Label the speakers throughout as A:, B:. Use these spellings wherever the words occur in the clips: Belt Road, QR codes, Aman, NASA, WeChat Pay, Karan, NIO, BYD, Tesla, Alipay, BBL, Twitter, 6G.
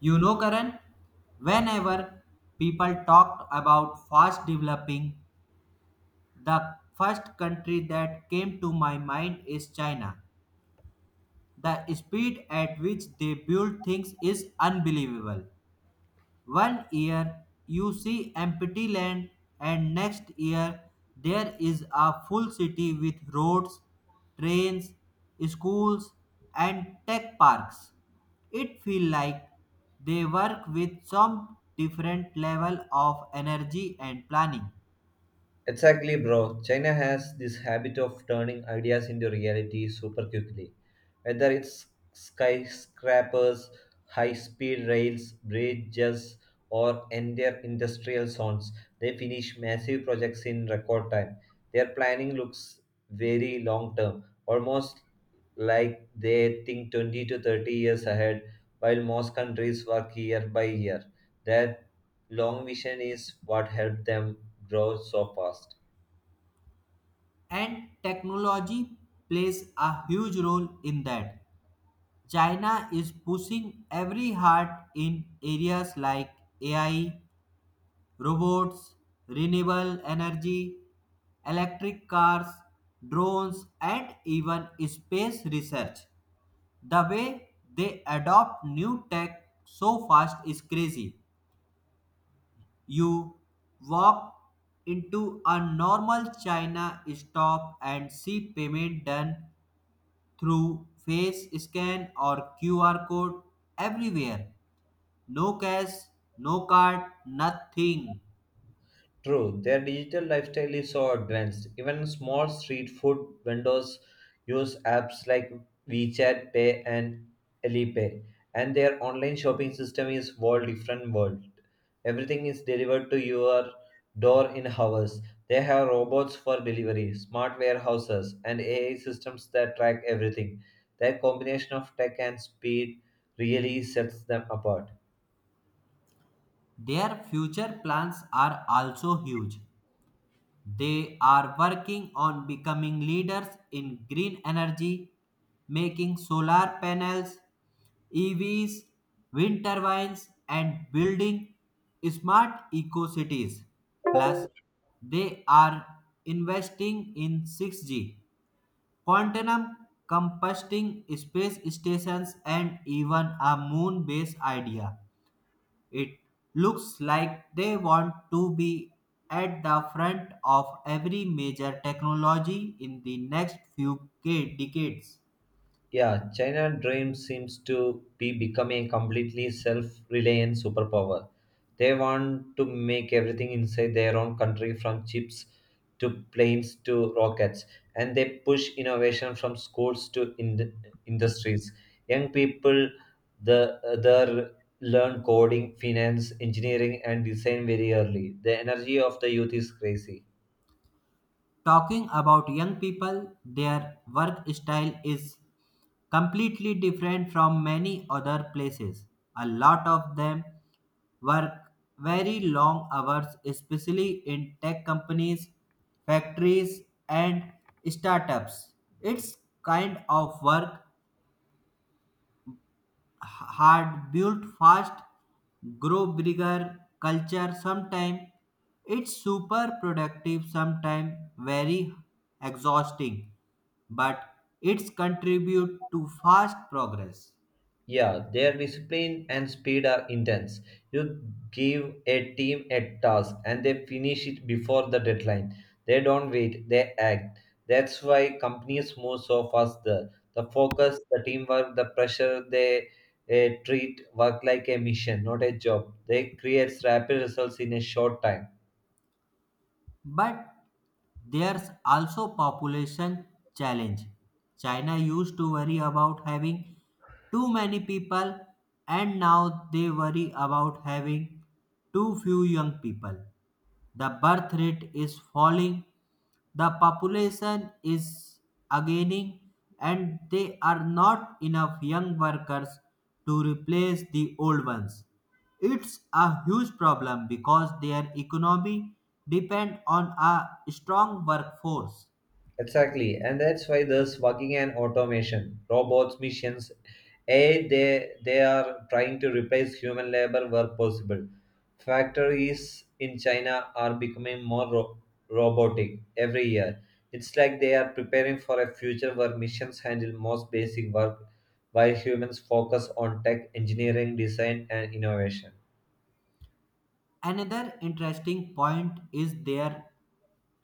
A: You know, Karan, whenever people talked about fast developing, the first country that came to my mind is China. The speed at which they build things is unbelievable. One year you see empty land, and next year there is a full city with roads, trains, schools, and tech parks. It feels like they work with some different level of energy and planning.
B: Exactly, bro. China has this habit of turning ideas into reality super quickly. Whether it's skyscrapers, high speed rails, bridges, or entire industrial zones, they finish massive projects in record time. Their planning looks very long term, almost like they think 20 to 30 years ahead, while most countries work year by year. That long vision is what helped them grow so fast.
A: And technology plays a huge role in that. China is pushing every heart in areas like AI robots, renewable energy, electric cars, drones, and even space research. The way they adopt new tech so fast is crazy. You walk into a normal China stop and see payment done through face scan or QR code everywhere. No cash, no card, nothing.
B: True, their digital lifestyle is so advanced. Even small street food vendors use apps like WeChat Pay and Alipay, and their online shopping system is world different world. Everything is delivered to your door in hours. They have robots for delivery, smart warehouses, and AI systems that track everything. Their combination of tech and speed really sets them apart.
A: Their future plans are also huge. They are working on becoming leaders in green energy, making solar panels, EVs, wind turbines, and building smart eco cities. Plus, they are investing in 6G, quantum composting space stations, and even a moon base idea. It looks like they want to be at the front of every major technology in the next few decades.
B: Yeah, China dream seems to be becoming a completely self-reliant superpower. They want to make everything inside their own country from chips to planes to rockets, and they push innovation from schools to industries. Young people the there learn coding, finance, engineering and design very early. The energy of the youth is crazy.
A: Talking about young people, their work style is completely different from many other places. A lot of them work very long hours, especially in tech companies, factories, and startups. It's kind of work hard, built fast, grow bigger culture. Sometimes it's super productive. Sometimes very exhausting, but it's contribute to fast progress.
B: Yeah, their discipline and speed are intense. You give a team a task and they finish it before the deadline. They don't wait, they act. That's why companies move so fast there. The focus, the teamwork, the pressure, they treat work like a mission, not a job. They create rapid results in a short time.
A: But there's also population challenge. China used to worry about having too many people and now they worry about having too few young people. The birth rate is falling, the population is aging, and there are not enough young workers to replace the old ones. It's a huge problem because their economy depends on a strong workforce.
B: Exactly, and that's why there's working and automation, robots, missions. A they are trying to replace human labor where possible. Factories in China are becoming more robotic every year. It's like they are preparing for a future where missions handle most basic work, while humans focus on tech, engineering, design, and innovation.
A: Another interesting point is their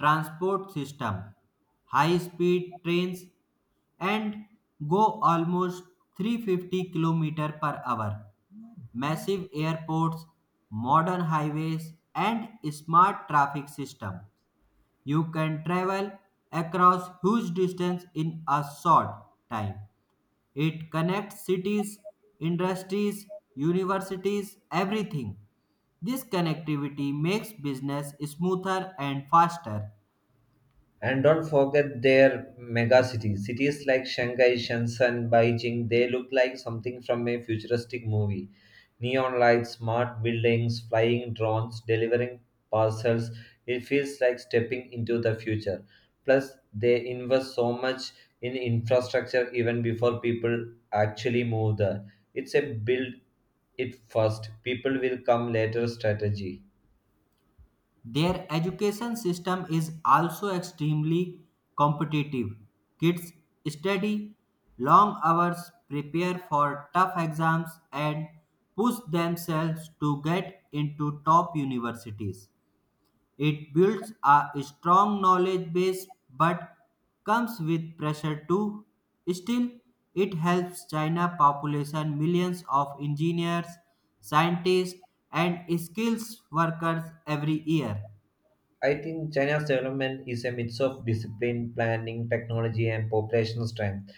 A: transport system. High speed trains and go almost 350 km per hour, massive airports, modern highways, and smart traffic system. You can travel across huge distance in a short time. It connects cities, industries, universities, everything. This connectivity makes business smoother and faster.
B: And don't forget their mega cities. Cities like Shanghai, Shenzhen, Beijing, they look like something from a futuristic movie. Neon lights, smart buildings, flying drones, delivering parcels. It feels like stepping into the future. Plus, they invest so much in infrastructure even before people actually move there. It's a build it first, people will come later strategy.
A: Their education system is also extremely competitive. Kids study long hours, prepare for tough exams, and push themselves to get into top universities. It builds a strong knowledge base but comes with pressure too. Still, it helps China population millions of engineers, scientists, and skills workers every year.
B: I think China's development is a mix of discipline, planning, technology, and population strength.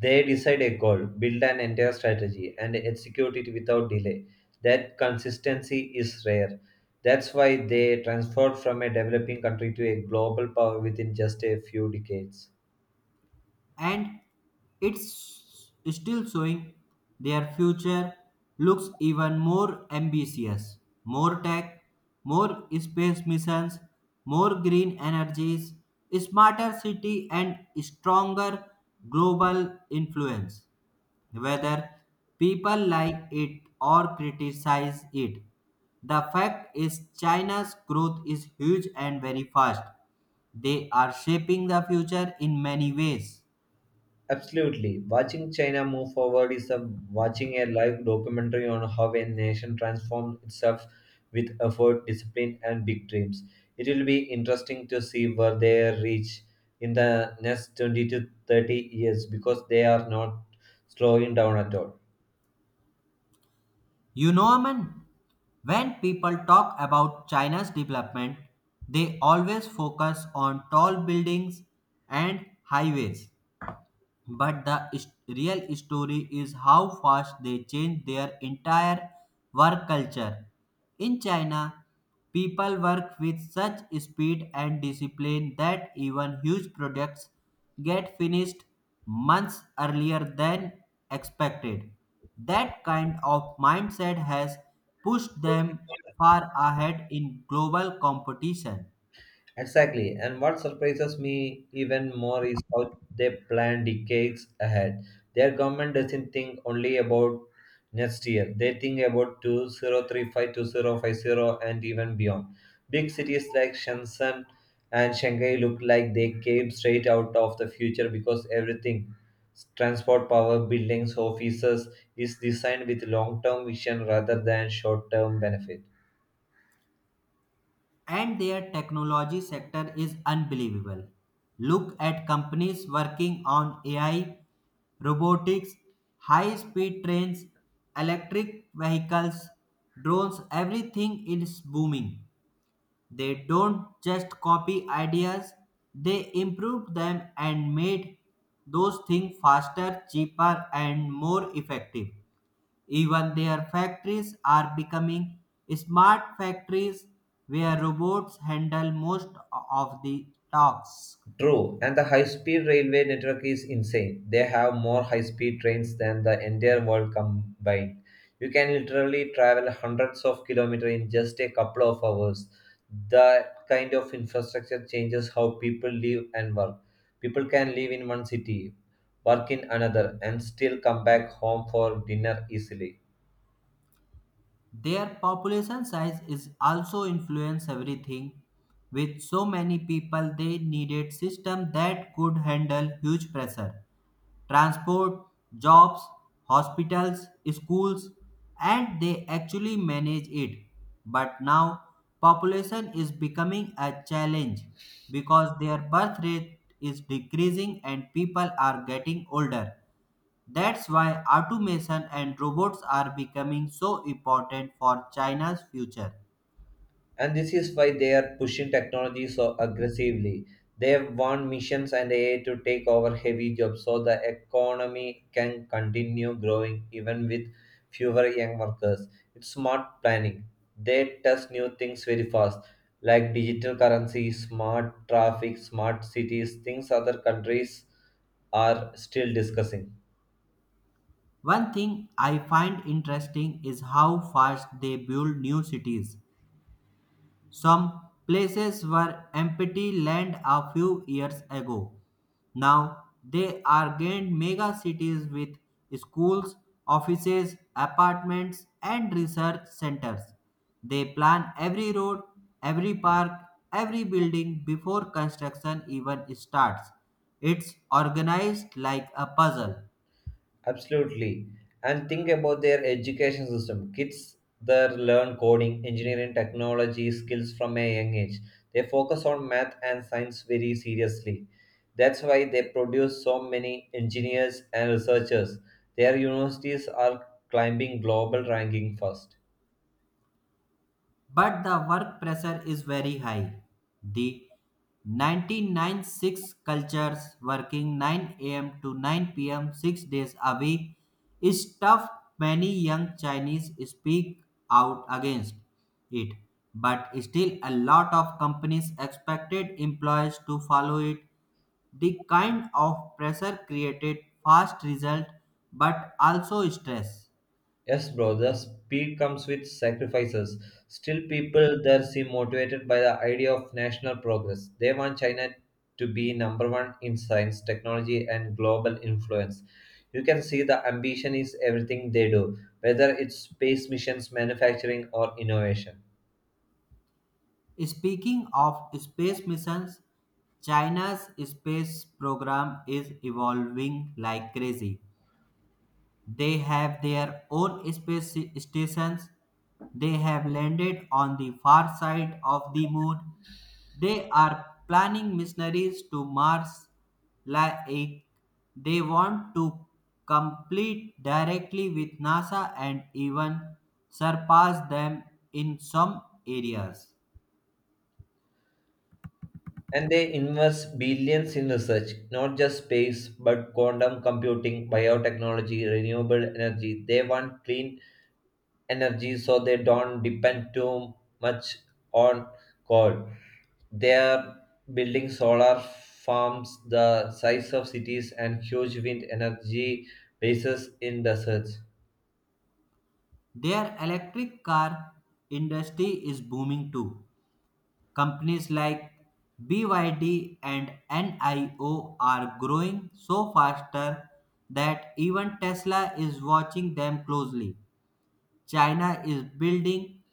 B: They decide a goal, build an entire strategy, and execute it without delay. That consistency is rare. That's why they transformed from a developing country to a global power within just a few decades.
A: And it's still showing their future looks even more ambitious. More tech, more space missions, more green energies, smarter city, and stronger global influence. Whether people like it or criticize it, the fact is China's growth is huge and very fast. They are shaping the future in many ways.
B: Absolutely. Watching China move forward is a watching a live documentary on how a nation transforms itself with effort, discipline, and big dreams. It will be interesting to see where they reach in the next 20 to 30 years because they are not slowing down at all.
A: You know, Aman, when people talk about China's development, they always focus on tall buildings and highways. But the real story is how fast they changed their entire work culture. In China, people work with such speed and discipline that even huge projects get finished months earlier than expected. That kind of mindset has pushed them far ahead in global competition.
B: Exactly. And what surprises me even more is how they plan decades ahead. Their government doesn't think only about next year. They think about 2035, 2050 and even beyond. Big cities like Shenzhen and Shanghai look like they came straight out of the future because everything, transport, power, buildings, offices, is designed with long-term vision rather than short-term benefit.
A: And their technology sector is unbelievable. Look at companies working on AI, robotics, high speed trains, electric vehicles, drones, everything is booming. They don't just copy ideas, they improve them and made those things faster, cheaper, and more effective. Even their factories are becoming smart factories where robots handle most of the tasks.
B: True, and the high speed railway network is insane. They have more high speed trains than the entire world combined. You can literally travel hundreds of kilometers in just a couple of hours. That kind of infrastructure changes how people live and work. People can live in one city, work in another, and still come back home for dinner easily.
A: Their population size is also influence everything. With so many people, they needed system that could handle huge pressure. Transport, jobs, hospitals, schools, and they actually manage it. But now population is becoming a challenge because their birth rate is decreasing and people are getting older. That's why automation and robots are becoming so important for China's future.
B: And this is why they are pushing technology so aggressively. They want missions and AI to take over heavy jobs so the economy can continue growing even with fewer young workers. It's smart planning. They test new things very fast, like digital currency, smart traffic, smart cities, things other countries are still discussing.
A: One thing I find interesting is how fast they build new cities. Some places were empty land a few years ago. Now they are gained mega cities with schools, offices, apartments, and research centers. They plan every road, every park, every building before construction even starts. It's organized like a puzzle.
B: Absolutely. And think about their education system. Kids there learn coding, engineering, technology skills from a young age. They focus on math and science very seriously. That's why they produce so many engineers and researchers. Their universities are climbing global ranking first.
A: But the work pressure is very high. The 1996 cultures working 9 a.m. to 9 p.m. 6 days a week is tough. Many young Chinese speak out against it, but still a lot of companies expected employees to follow it. The kind of pressure created fast result but also stress.
B: Yes, bro, the speed comes with sacrifices. Still, people there seem motivated by the idea of national progress. They want China to be number one in science, technology, and global influence. You can see the ambition is everything they do, whether it's space missions, manufacturing, or innovation.
A: Speaking of space missions, China's space program is evolving like crazy. They have their own space stations. They have landed on the far side of the moon. They are planning missionaries to Mars like they want to complete directly with NASA and even surpass them in some areas.
B: And they invest billions in research, not just space, but quantum computing, biotechnology, renewable energy. They want clean energy so they don't depend too much on coal. They are building solar farms the size of cities and huge wind energy bases in deserts.
A: Their electric car industry is booming too. Companies like BYD and NIO are growing so faster that even Tesla is watching them closely. China is building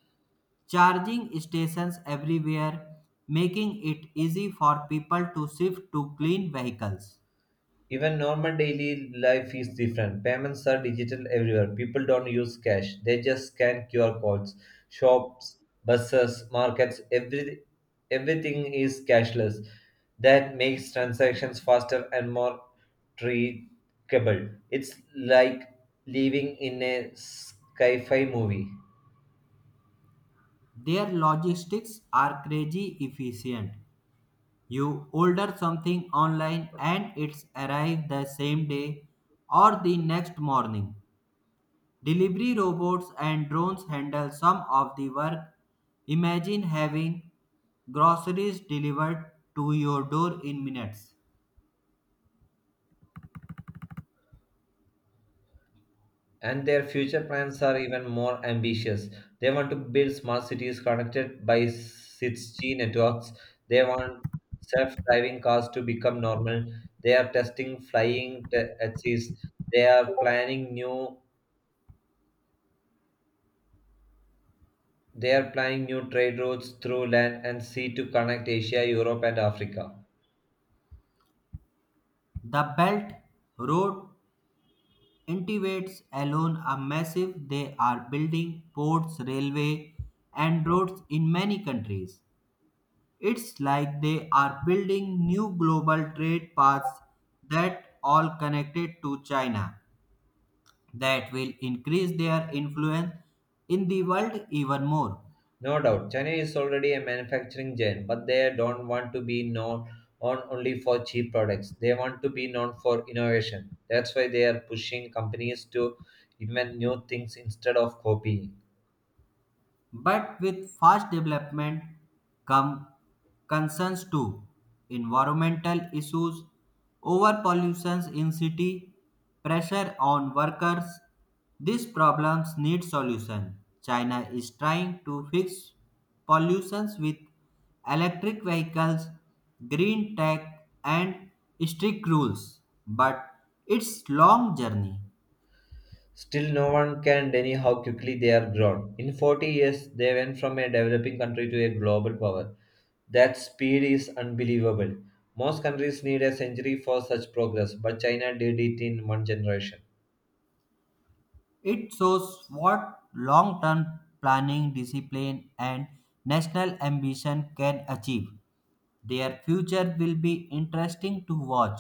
A: charging stations everywhere, making it easy for people to shift to clean vehicles.
B: Even normal daily life is different. Payments are digital everywhere. People don't use cash. They just scan QR codes. Shops, buses, markets, everything is cashless. That makes transactions faster and more trackable. It's like living in a sci-fi movie.
A: Their logistics are crazy efficient. You order something online and it's arrived the same day or the next morning. Delivery robots and drones handle some of the work. Imagine having groceries delivered to your door in minutes.
B: And their future plans are even more ambitious. They want to build smart cities connected by 6G networks. They want self-driving cars to become normal. They are testing flying taxis. They are planning new. They are planning new trade routes through land and sea to connect Asia, Europe, and Africa.
A: The Belt Road integrates alone a massive, they are building ports, railway and roads in many countries. It's like they are building new global trade paths that all connected to China that will increase their influence in the world even more.
B: No doubt, China is already a manufacturing giant, but they don't want to be known on only for cheap products. They want to be known for innovation. That's why they are pushing companies to invent new things instead of copying.
A: But with fast development come concerns too. Environmental issues, overpollution in city, pressure on workers. These problems need solution. China is trying to fix pollutions with electric vehicles, green tech and strict rules, but it's long journey.
B: Still, no one can deny how quickly they are grown. In 40 years, they went from a developing country to a global power. That speed is unbelievable. Most countries need a century for such progress, but China did it in one generation.
A: It shows what long term planning, discipline, and national ambition can achieve. Their future will be interesting to watch,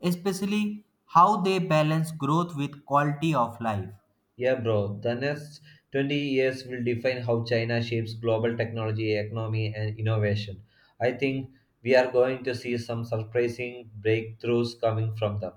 A: especially how they balance growth with quality of life.
B: Yeah, bro. The next 20 years will define how China shapes global technology, economy, and innovation. I think we are going to see some surprising breakthroughs coming from them.